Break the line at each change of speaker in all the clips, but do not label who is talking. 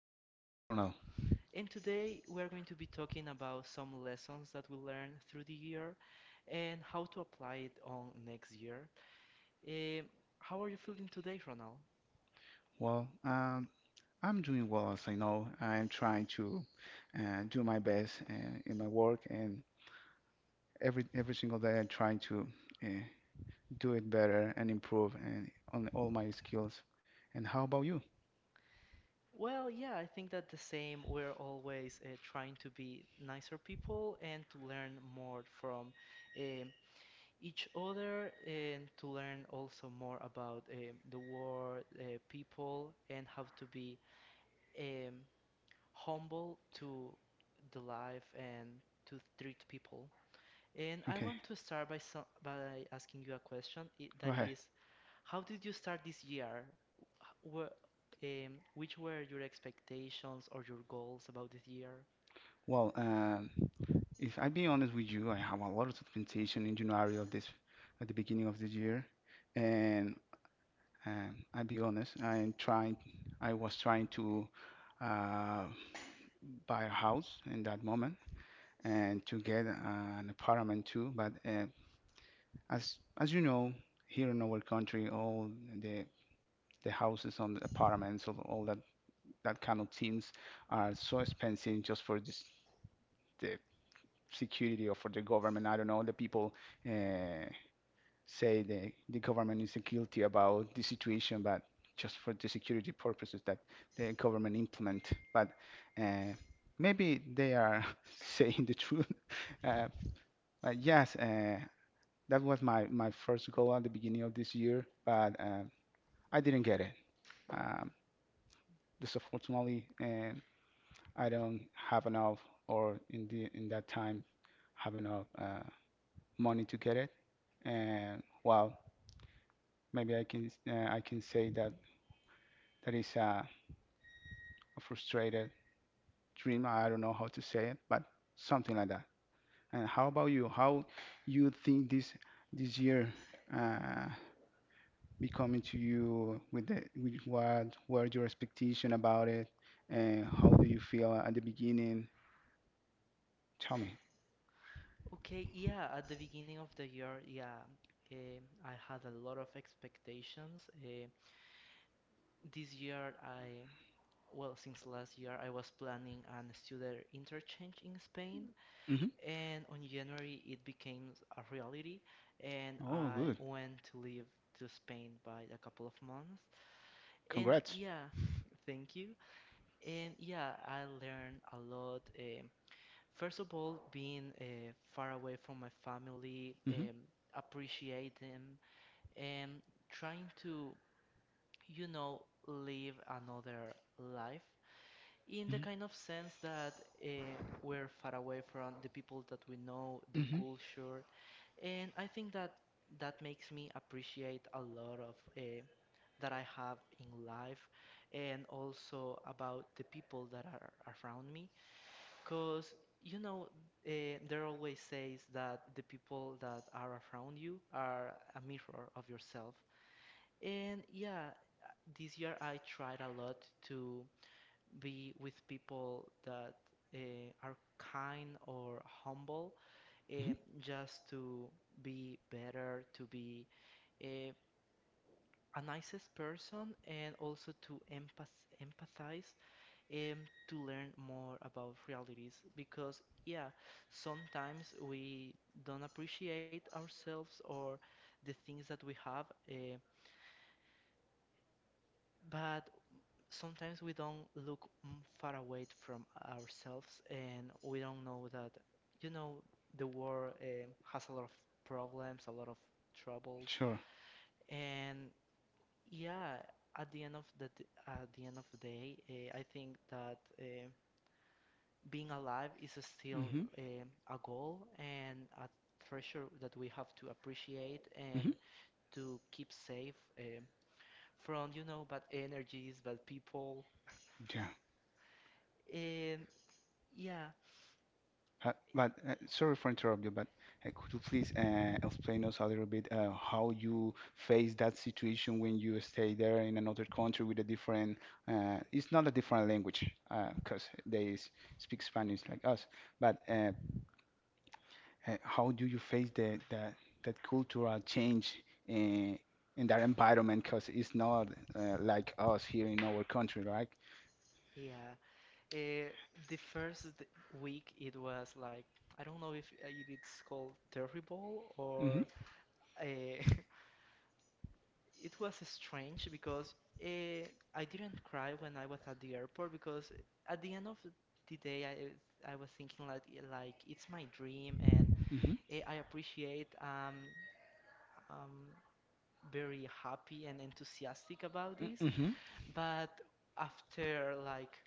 And my name is Ronald.
and today we are going to be talking about some lessons that we learned through the year and how to apply it on next year. Um, how are you feeling today, Ronald?
Well, I'm doing well as I know. I'm trying to do my best in my work, and every single day I'm trying to uh, do it better and improve and on all my skills. And how about you?
Well, yeah, I think that the same. We're always trying to be nicer people and to learn more from um, each other and to learn also more about the world, people, and how to be um, humble to the life and to treat people. And I
Okay,
want to start by some, by asking you a question
go
that
ahead.
is, how did you start this year? Were, which were your expectations or your goals about this year?
Well, if I be honest with you, I have a lot of expectation in January of this, at the beginning of this year, and and I'll be honest, I was trying to uh, buy a house in that moment and to get an apartment too. But as you know, here in our country, all the the houses on the apartments, all that kind of things are so expensive just for this, the security or for the government. I don't know, the people uh, say the government isn't guilty about the situation, but just for the security purposes that the government implement. But uh, maybe they are saying the truth. Uh, but yes, that was my first goal at the beginning of this year, but I didn't get it. Um, Disfortunately, and I don't have enough, or in that time, have enough money to get it. And well, maybe I can say that that is a frustrated dream. I don't know how to say it, but something like that. And how about you? How you think this year uh, be coming to you with the with what were your expectation about it, and how do you feel at the beginning? Tell me.
Okay, yeah, at the beginning of the year, yeah, I had a lot of expectations. This year, I, well, since last year, I was planning an student interchange in Spain,
Hmm.
and on January it became a reality and
Oh,
I
good.
went to live to Spain by a couple of months, and
Congrats.
yeah thank you. And yeah, I learned a lot, first of all being far away from my family,
Hmm.
appreciate them and trying to, you know, live another life in the
Hmm.
kind of sense that uh, we're far away from the people that we know, the
Hmm.
culture. And I think that that makes me appreciate a lot of that I have in life, and also about the people that are around me. Because, you know, there always says that the people that are around you are a mirror of yourself. And yeah, this year I tried a lot to be with people that uh, are kind or humble,
Hmm.
just to be better, to be uh, a nicest person, and also to empathize, um, to learn more about realities. Because yeah, sometimes we don't appreciate ourselves or the things that we have, but sometimes we don't look far away from ourselves, and we don't know that, you know, the world has a lot of problems, a lot of troubles.
Sure.
And yeah, at the end of the day, I think that being alive is still
Mm-hmm.
a goal and a treasure that we have to appreciate
Mm-hmm.
and to keep safe from, you know, bad energies, bad people.
Yeah.
And yeah,
But sorry for interrupt you, but could you please explain us a little bit how you face that situation when you stay there in another country with a different, it's not a different language, because they speak Spanish like us, but how do you face the that cultural change in that environment? Because it's not like us here in our country, right?
yeah. Uh, the week it was like, I don't know if it's called terrible
Mm-hmm.
or. Uh, it was strange because uh, I didn't cry when I was at the airport, because at the end of the day I was thinking like, like it's my dream, and
Mm-hmm.
I appreciate um very happy and enthusiastic about this.
Mm-hmm.
But after like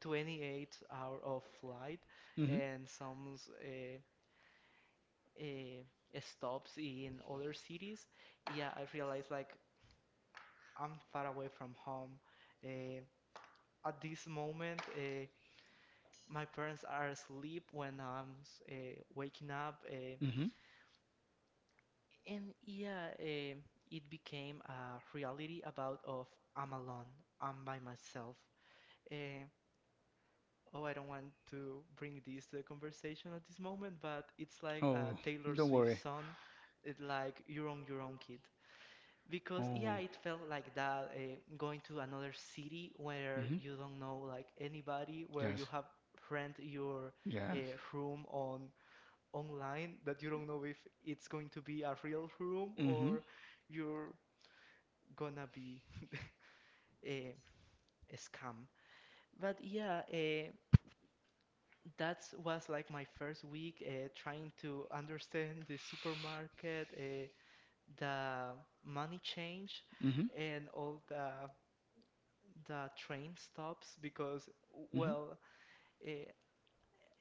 28 hour of flight
Mm-hmm.
and some uh, stops in other cities, yeah, I realized like I'm far away from home, uh, at this moment, my parents are asleep when I'm uh, waking up,
Mm-hmm.
and yeah, it became a reality about of I'm alone, I'm by myself. Uh, oh, I don't want to bring this to the conversation at this moment, but it's like
Oh,
a Taylor
don't
Swift
worry.
song, it like you're on your own, kid. Because
Oh.
yeah, it felt like that, going to another city where
Mm-hmm.
you don't know like anybody, where you
Yes.
have rent your uh,
Yes.
room on online that you don't know if it's going to be a real room
Mhm.
or you're gonna be a, a scam. But yeah, that was like my first week, trying to understand the supermarket, the money change,
Mhm.
and all the train stops because,
Mhm.
well, eh,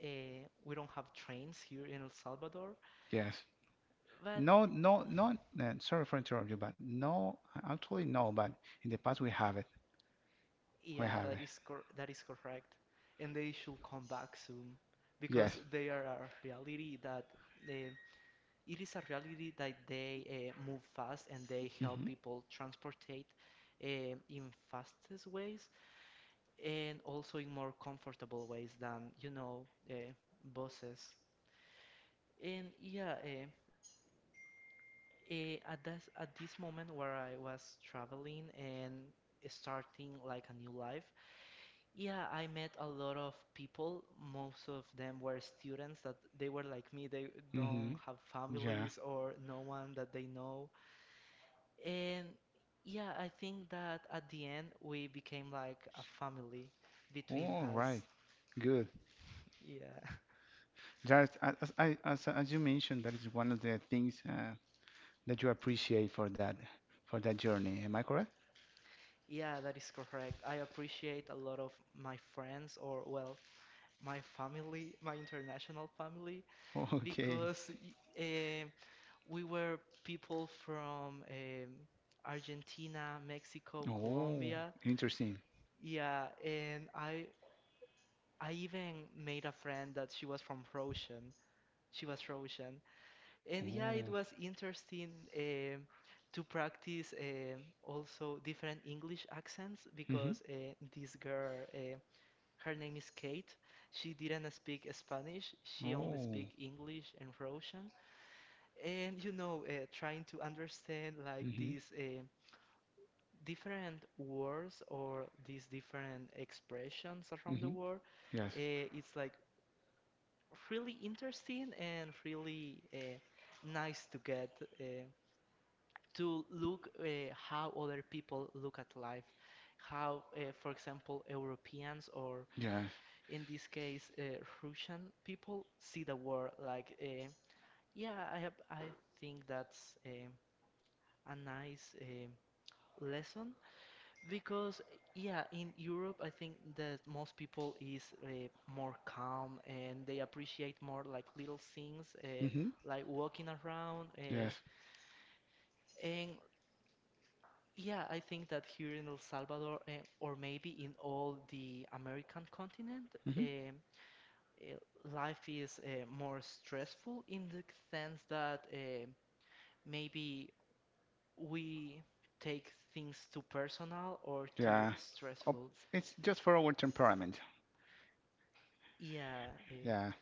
we don't have trains here in El Salvador.
Yes.
But
No, no, not. Sorry for interrupt you, but no, actually no. But in the past we have it. We
yeah,
have it.
that is cor that is correct, and they should come back soon because
Yes.
they are a reality that eh, it is a reality that they move fast and they help
Mhm.
people transportate, in fastest ways and also in more comfortable ways than, you know, buses. And yeah, at this moment where I was traveling and starting like a new life, yeah, I met a lot of people. Most of them were students that they were like me. They don't
Mhm.
have
Yeah.
families or no one that they know. And yeah, I think that at the end we became like a family between
All right,
us.
good.
Yeah.
Jared, as I as you mentioned, that is one of the things that you appreciate for that journey. Am I correct?
Yeah, that is correct. I appreciate a lot of my friends, or well, my family, my international family,
Okay.
because uh, we were people from Argentina, Mexico,
Oh,
Colombia.
interesting.
Yeah, and I even made a friend that she was from Russian. She was Russian, and yeah, it
Oh.
was interesting um to practice also different English accents,
Hmm.
because this girl, her name is Kate. She didn't speak Spanish. She only
Oh.
speak English and Russian, and, you know, trying to understand like
Hmm.
these different words or these different expressions around the
Hmm.
world,
Yes.
it's like really interesting and really nice to get uh, to look how other people look at life, how, for example, Europeans or
Yes.
in this case Russian people see the world. Like, yeah, I think that's a nice lesson, because yeah, in Europe I think that most people is more calm and they appreciate more like little things,
Hmm.
like walking around,
Yes.
and yeah, I think that here in El Salvador, or maybe in all the American continent, um,
Hmm.
life is more stressful in the sense that maybe we take things too personal or too
Yeah. Oh,
stressful.
it's just for our temperament.
Yeah, eh,
Yeah.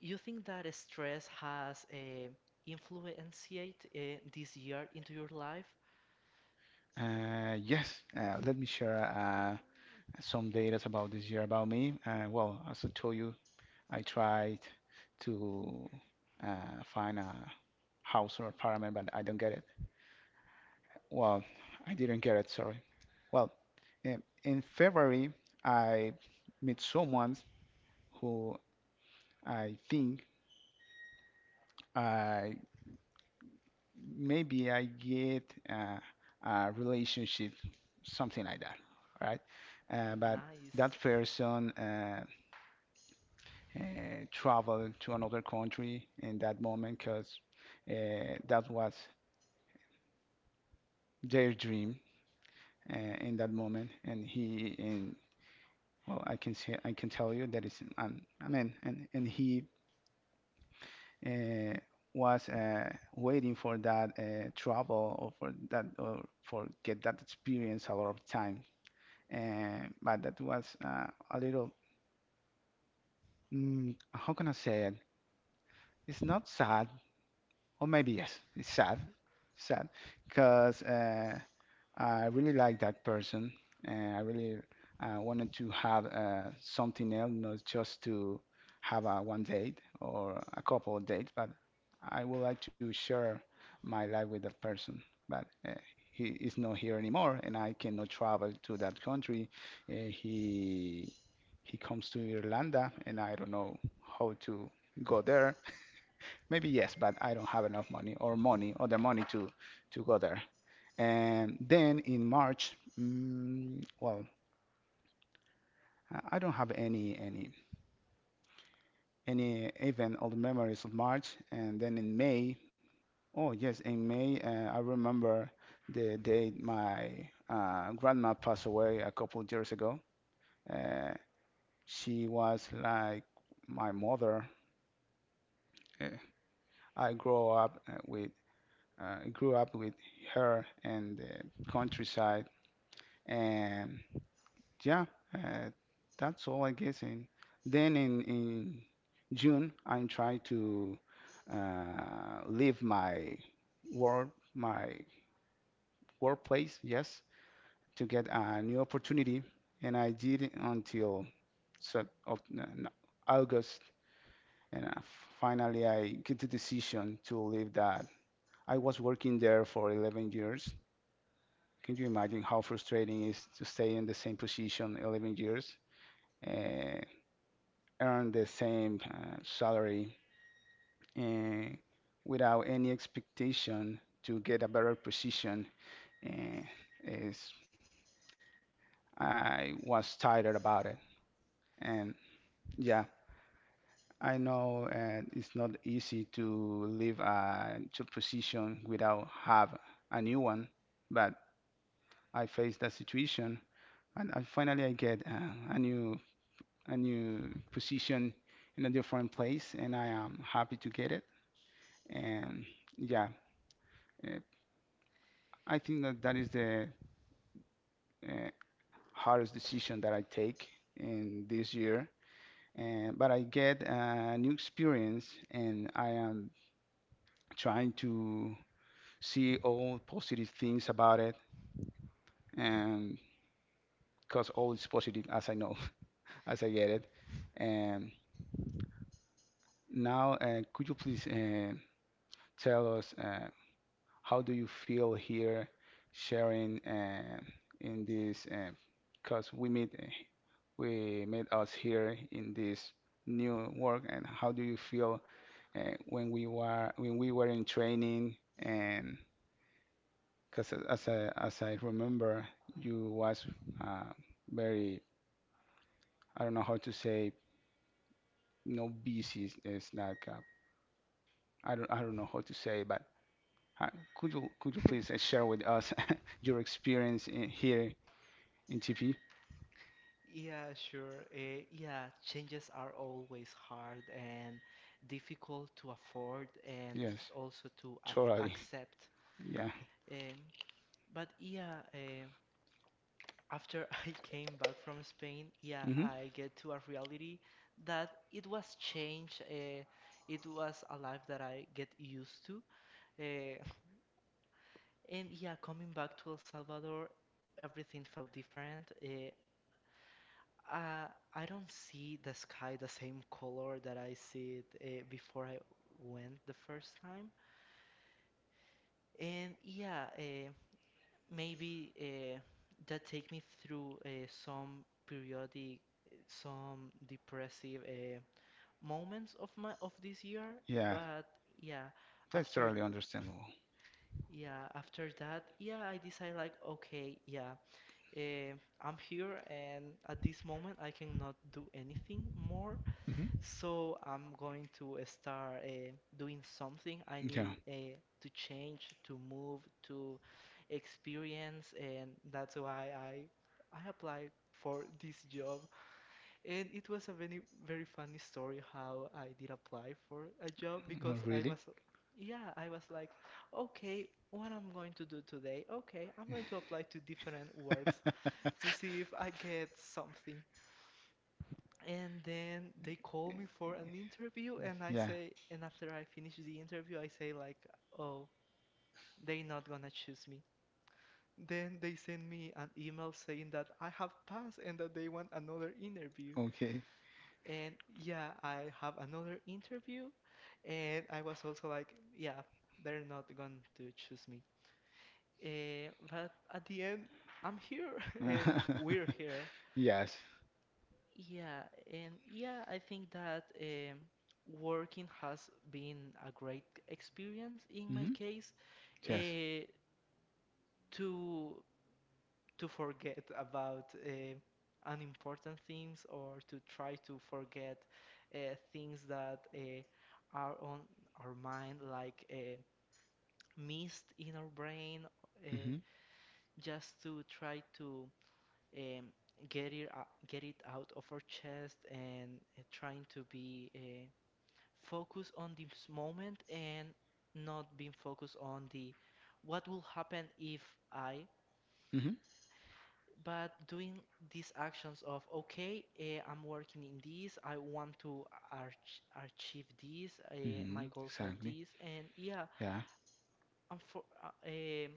you think that stress has influenced this year into your life?
Yes. Let me share some data about this year about me. Well, as I told you, I tried to find a house or apartment, but I don't get it. Well, I didn't get it, sorry. Well, in February, I met someone who I think I maybe I get a relationship, something like that, right? But
Nice.
that person uh, traveled to another country in that moment because that was their dream uh, in that moment, and he and well, I can tell you that it's I mean, and he uh, was waiting for that travel or for that or for get that experience a lot of time, and but that was a little how can I say it? It's not sad, or maybe yes, it's sad, sad, because I really like that person, and I really wanted to have something else, not just to have a one date or a couple of dates, but I would like to share my life with that person. But he is not here anymore, and I cannot travel to that country. Uh, he he comes to Irlanda, and I don't know how to go there. Maybe yes, but I don't have enough money or money, other money to go there. And then in March, well, I don't have any event or memories of March. And then in May, oh yes, in May, I remember the day my grandma passed away a couple of years ago. Uh, she was like my mother. Uh, I grew up with her in the countryside. And yeah, uh, that's all I guess. And then in June, I'm trying to leave work my workplace. Yes, to get a new opportunity, and I did it until no, no, August, and finally I get the decision to leave that. I was working there for 11 years. Can you imagine how frustrating it is to stay in the same position 11 years? Uh, Earn the same salary and without any expectation to get a better position, and is I was tired about it. And yeah, I know it's not easy to leave a job position without have a new one, but I faced that situation, and I finally I get a new position in a different place, and I am happy to get it. And yeah, uh, I think that that is the uh, hardest decision that I take in this year. And, but I get a new experience, and I am trying to see all positive things about it and because all is positive as I know, as I get it. And now, could you please tell us how do you feel here sharing in this? Because we met us here in this new work, and how do you feel when we were in training? And because as I remember, you was uh, very, I don't know how to say, no, busy is like I don't know how to say, but uh, could you please share with us your experience in here in TP.
Yeah, sure. Yeah, changes are always hard and difficult to afford and
Yes,
also to ac
totally.
accept.
Yeah.
Um, but yeah, after I came back from Spain, yeah,
Hmm.
I get to a reality that it was change. It was a life that I get used to. Eh, And yeah, coming back to El Salvador, everything felt different. Uh, I don't see the sky the same color that I see it before I went the first time. And yeah, maybe that take me through some periodic, some depressive moments of my of this year.
Yeah,
But yeah,
that's
after,
totally understandable.
yeah, after that, yeah, I decide like, okay, yeah. Uh, I'm here, and at this moment, I cannot do anything more.
Hmm.
So I'm going to start doing something. I
Yeah.
need to change, to move, to experience, and that's why I applied for this job. And it was a very very funny story how I did apply for a job, because
Not
I
really.
was, yeah, I was like, okay, what I'm going to do today? Okay, I'm going to apply to different works to see if I get something. And then they call me for an interview, and I
Yeah.
say, and after I finish the interview, I say like, oh, they not gonna choose me. Then they send me an email saying that I have passed and that they want another interview.
Okay.
And yeah, I have another interview, and I was also like, yeah, they're not going to choose me. But at the end, I'm here and we're here.
Yes.
Yeah, and yeah, I think that, working has been a great experience in my
Mm-hmm.
case.
Yes.
Uh, to to forget about unimportant things, or to try to forget things that are on our mind, like mist in our brain, uh,
Mm-hmm.
just to try to, um, get it out of our chest and trying to be. Focus on this moment and not being focused on the what will happen if I,
Mm-hmm.
but doing these actions of, okay, I'm working in this, I want to arch achieve this,
Mm-hmm.
my goals are
Exactly.
this, and yeah, I'm for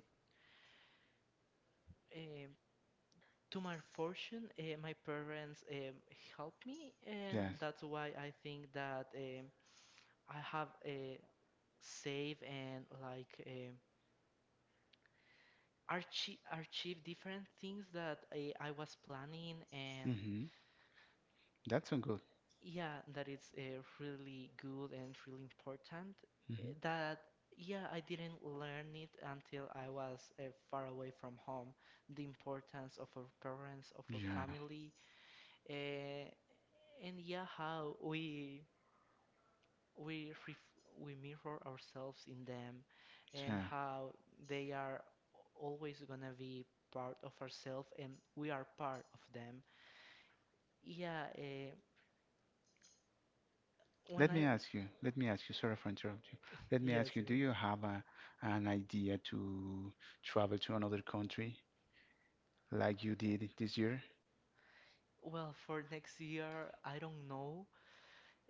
um, to my fortune, my parents, helped me,
Yeah.
and
Yes.
that's why I think that, I have a save and like. Achieve different things that I was planning, and
Mm-hmm. That's so good.
yeah, that it's really good and really important,
Mm-hmm.
that yeah, I didn't learn it until I was far away from home, the importance of our parents, of our
Yeah.
family, uh, and yeah, how we ref we mirror ourselves in them, and
Yeah.
how they are always gonna be part of ourselves, and we are part of them. Yeah, when
Let
I,
me ask you. Let me ask you. Sorry for interrupting you. Let me
yeah,
ask you. Do
sir.
you have an idea to travel to another country like you did this year?
Well, for next year, I don't know.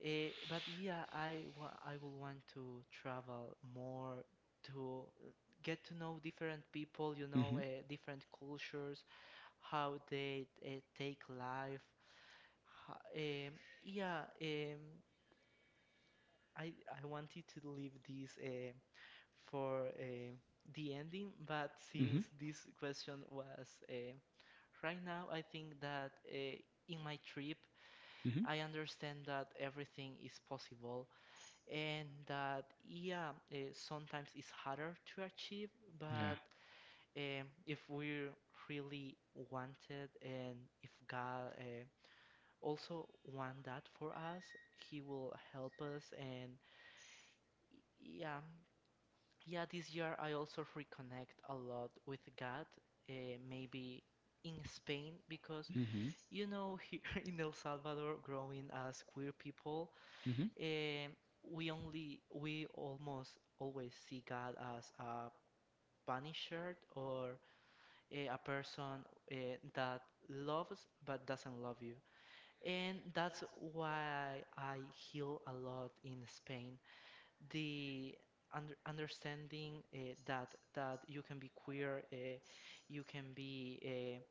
But yeah, I will want to travel more to get to know different people, you know,
Mm-hmm.
different cultures, how they take life. Ho- um, yeah, um, I I wanted to leave this for the ending, but since
Mm-hmm.
this question was right now, I think that in my trip,
Mm-hmm.
I understand that everything is possible and that, sometimes it's harder to achieve,
Yeah.
but if we really want it and if God also want that for us, He will help us. And y- yeah, yeah, this year I also reconnect a lot with God, maybe in Spain, because
Mm-hmm.
you know, here in El Salvador, growing as queer people,
Mm-hmm.
eh, we only, we almost always see God as a punisher or a person that loves but doesn't love you. And that's why I heal a lot in Spain. The under understanding that you can be queer, you can be eh,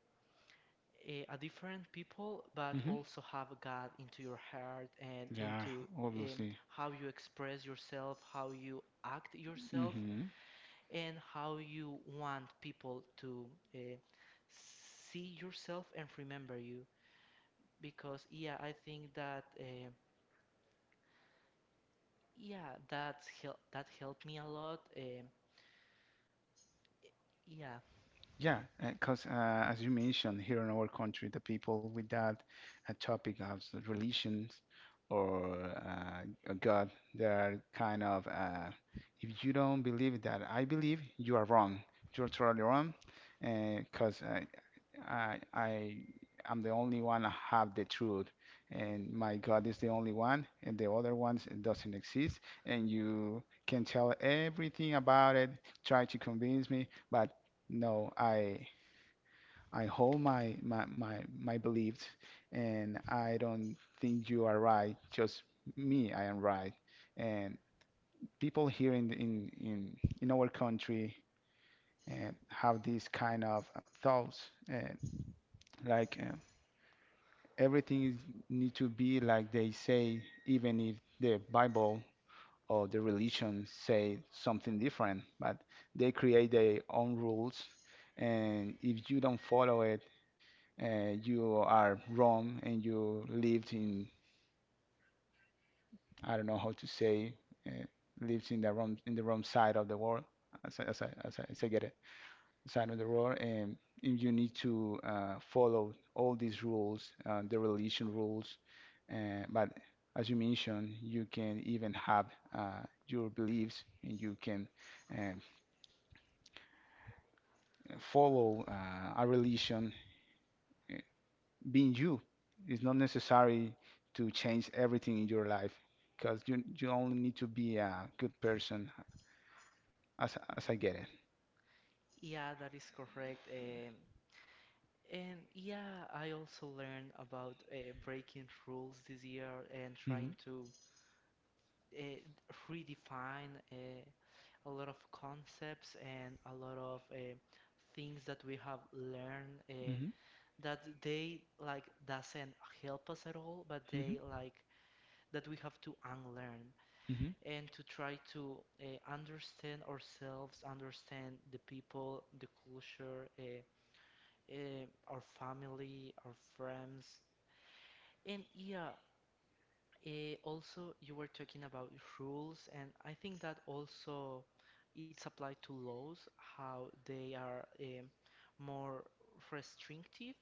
eh, a different people, but
Mm-hmm.
also have God into your heart and
Yeah,
into
obviously.
how you express yourself, how you act yourself,
Mm-hmm.
and how you want people to uh, see yourself and remember you. Because yeah, I think that yeah, that's hel that helped me a lot. Yeah,
Yeah, because, as you mentioned, here in our country, the people with that topic of the religions or uh, a God, they're kind of, if you don't believe that I believe, you are wrong. You're totally wrong. Because I am the only one that have the truth, and my God is the only one, and the other ones doesn't exist. And you can tell everything about it, try to convince me, but no, I hold my beliefs, and I don't think you are right. Just me, I am right, and people here in our country. And have these kind of thoughts, like everything is, need to be like they say, even if the Bible or the religion say something different. But they create their own rules, and if you don't follow it, you are wrong, and you lived in, I don't know how to say, uh, lived in the wrong side of the world. As I get it. Side of the road, and you need to follow all these rules, the relation rules. But as you mentioned, you can even have uh, your beliefs, and you can um, follow a religion uh, being you. It's not necessary to change everything in your life because you only need to be a good person, as I get it.
yeah, that is correct. Um,
Hmm.
And yeah, I also learned about breaking rules this year and trying to uh, redefine a lot of concepts and a lot of things that we have learned that they like doesn't help us at all, but they like that we have to unlearn and to try to understand ourselves, understand the people, the culture, uh, our family, our friends. And yeah, also you were talking about rules, and I think that also it's applied to laws, how they are more restrictive,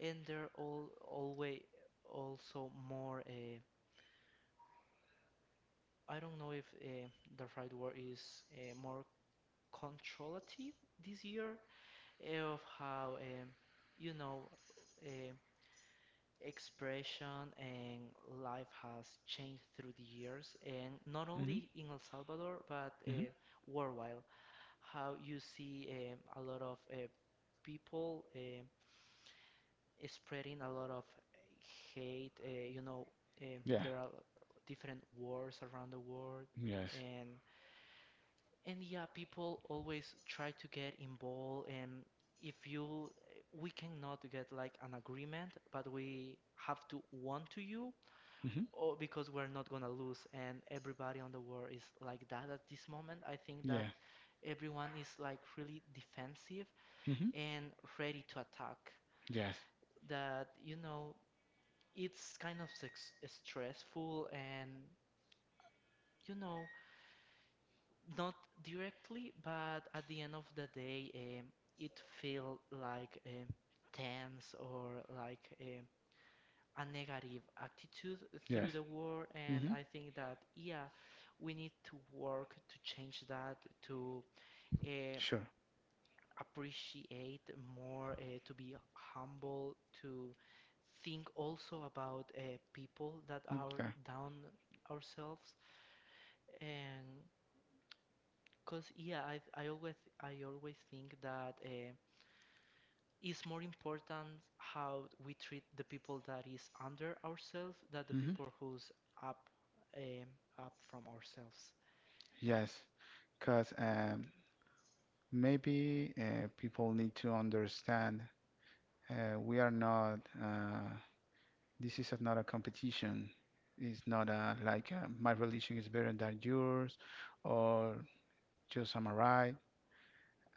and they're all always also more. I don't know if the right word is more controlative this year of how you know. um expression and life has changed through the years, and not only in El Salvador but worldwide. How you see a lot of people spreading a lot of hate. There are different wars around the world, and and yeah, people always try to get involved and if you, we cannot get like an agreement, but we have to want to you
Hmm.
oh, because we're not gonna lose, and everybody on the world is like that at this moment. I think that
Yeah.
everyone is like really defensive
Hmm.
and ready to attack.
Yes.
That, you know, it's kind of stressful and, you know, not directly, but at the end of the day, it feel like tense or like a negative attitude through
Yes.
the world, and
Hmm.
I think that, yeah, we need to work to change that, to uh,
Sure.
appreciate more, to be humble, to think also about people that are
Okay.
down ourselves, and because, yeah, I always think that it's more important how we treat the people that is under ourselves than the
Hmm.
people who's up, um, up from ourselves.
Yes, because maybe people need to understand we are not This is not a competition. It's not a like my religion is better than yours, or just am I right?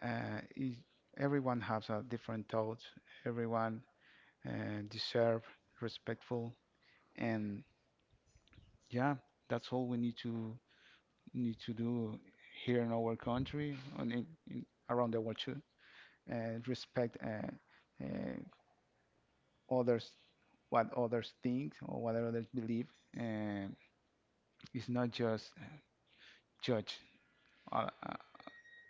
Uh, is- Everyone has a different thoughts. Everyone deserve respectful, and yeah, that's all we need to do here in our country and around the world too. Respect uh, others, what others think or what others believe. Uh, it's not just judge. Uh, uh,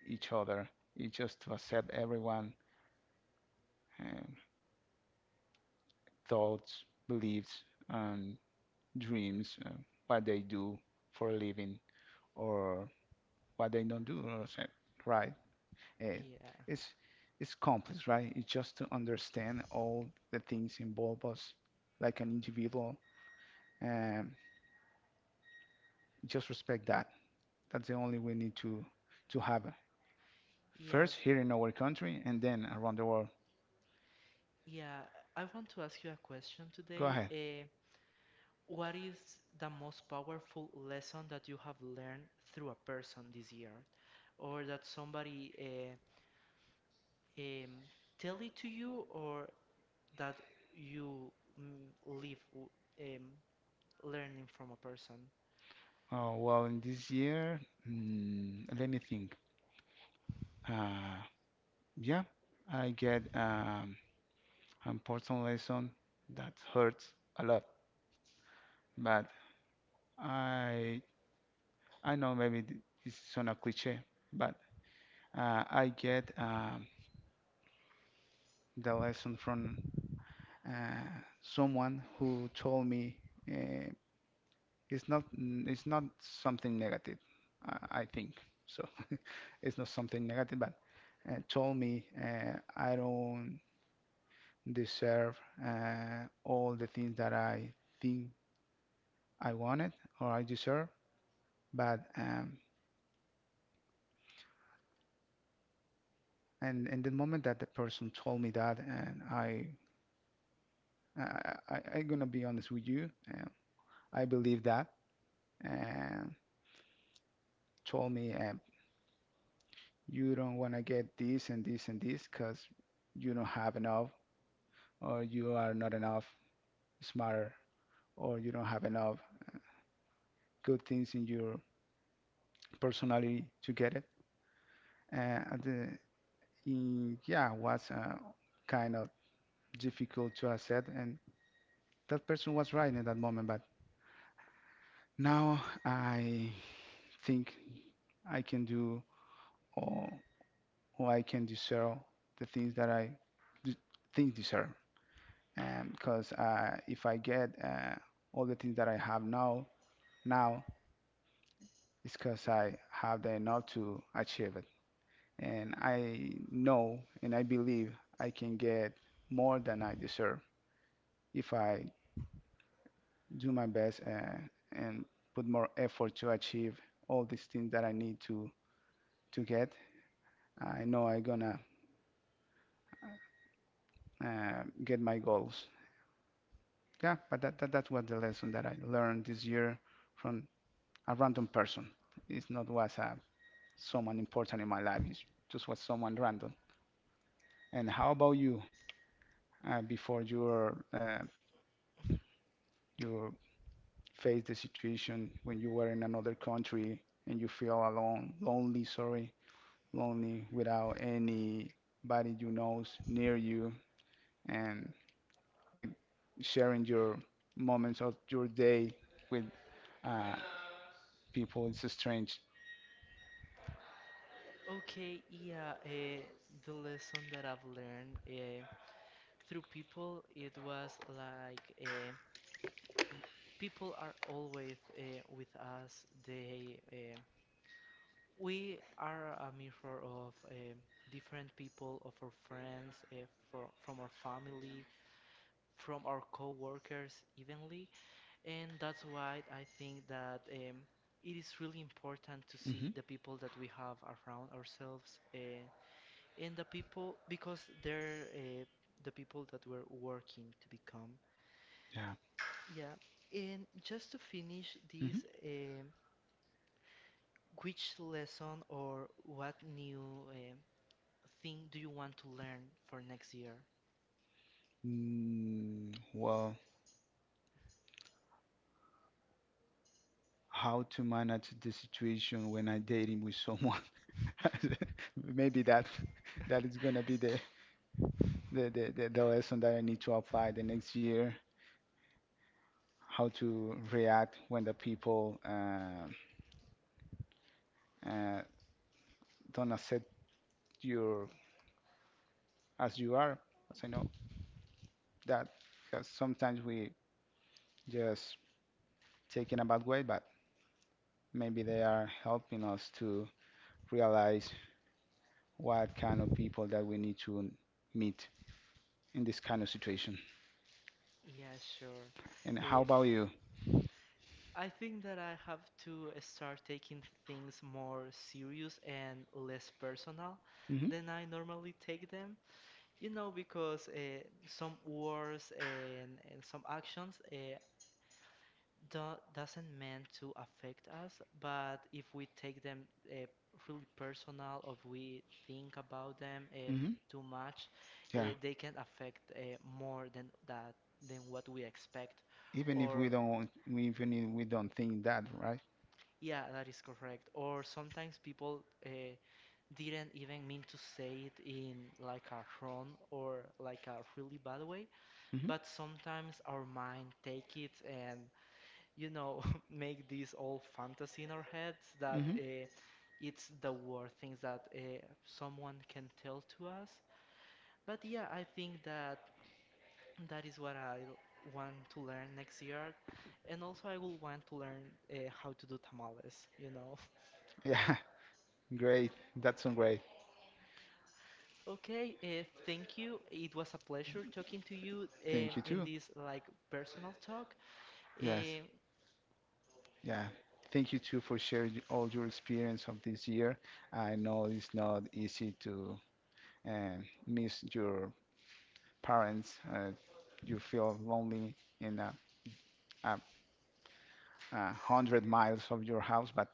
each other. It's just to accept everyone um, thoughts, beliefs, and dreams, what they do for a living or what they don't do, or right? Eh,
Yeah,
It's it's complex, right? It's just to understand all the things involve us, like an individual, and just respect that. That's the only we need to have
yeah,
first here in our country and then around the world.
yeah, I want to ask you a question
Go
today.
ahead.
What is the most powerful lesson that you have learned through a person this year, or that somebody um, tell it to you, or that you live um, learning from a person?
Oh, well, in this year, let me think. Uh, yeah, I get an important lesson that hurts a lot, but I I know maybe this is on a cliche, but I get the lesson from someone who told me uh, it's not something negative, I think. So it's not something negative, but told me I don't deserve all the things that I think I wanted or I deserve. But and in the moment that the person told me that, and I'm gonna be honest with you, I believe that, and told me you don't wanna get this and this and this because you don't have enough or you are not enough smart, or you don't have enough good things in your personality to get it. Uh, at the, yeah, was kind of difficult to accept, and that person was right in that moment. But now I think I can do or, or I can deserve the things that I d think deserve. Because if I get all the things that I have now, now it's because I have the enough to achieve it. And I know and I believe I can get more than I deserve if I do my best and put more effort to achieve all these things that I need to get. I know I'm gonna get my goals. Yeah, but that's what the lesson that I learned this year from a random person. It's not was someone important in my life. It's just was someone random. And how about you? Before you face the situation when you were in another country and you feel alone, lonely, sorry, lonely without anybody you knows near you and with sharing your moments of your day with uh, people it's strange.
Okay, yeah, the lesson that I've learned through people, it was like people are always with us. They we are a mirror of different people, of our friends, from our family, from our co-workers, evenly, and that's why I think that it is really important to see
Hmm.
the people that we have around ourselves. And the people because they're the people that we're working to become.
Yeah.
Yeah, and just to finish
Hmm.
this, um, which lesson or what new thing do you want to learn for next year?
Well, how to manage the situation when I dating with someone? Maybe that is gonna be the lesson that I need to apply the next year, how to react when the people uh, don't accept you as you are. As I know that, because sometimes we just take in a bad way, but maybe they are helping us to realize what kind of people that we need to meet in this kind of situation.
Yeah, sure.
And how
Uh,
about you?
I think that I have to start taking things more serious and less personal
Hmm,
than I normally take them. You know, because some words and some actions do doesn't mean to affect us, but if we take them really personal, or if we think about them
hmm.
too much,
Yeah,
they can affect more than that than what we expect.
even if we
Or
don't want, even if we don't think that, right?
yeah, that is correct. Or sometimes people didn't even mean to say it in like a wrong or like a really bad way,
Hmm,
but sometimes our mind take it and you know, make this all fantasy in our heads that
hmm.
it's the worst things that someone can tell to us. But yeah, I think that that is what I want to learn next year. And also, I will want to learn how to do tamales, you know.
Yeah, great. That's so great.
Okay, thank you. It was a pleasure talking to you
Thank you
in
too.
this like personal talk.
Yes,
Um,
yeah. Thank you too for sharing all your experience of this year. I know it's not easy to miss your parents. You feel lonely in a, 100 miles of your house, but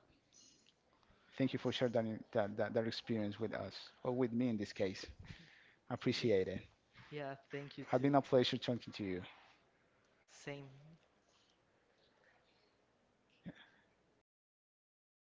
thank you for sharing that experience with us, or with me in this case. I
yeah,
appreciate it.
yeah, thank you
It's
too.
been a pleasure talking to you.
Same.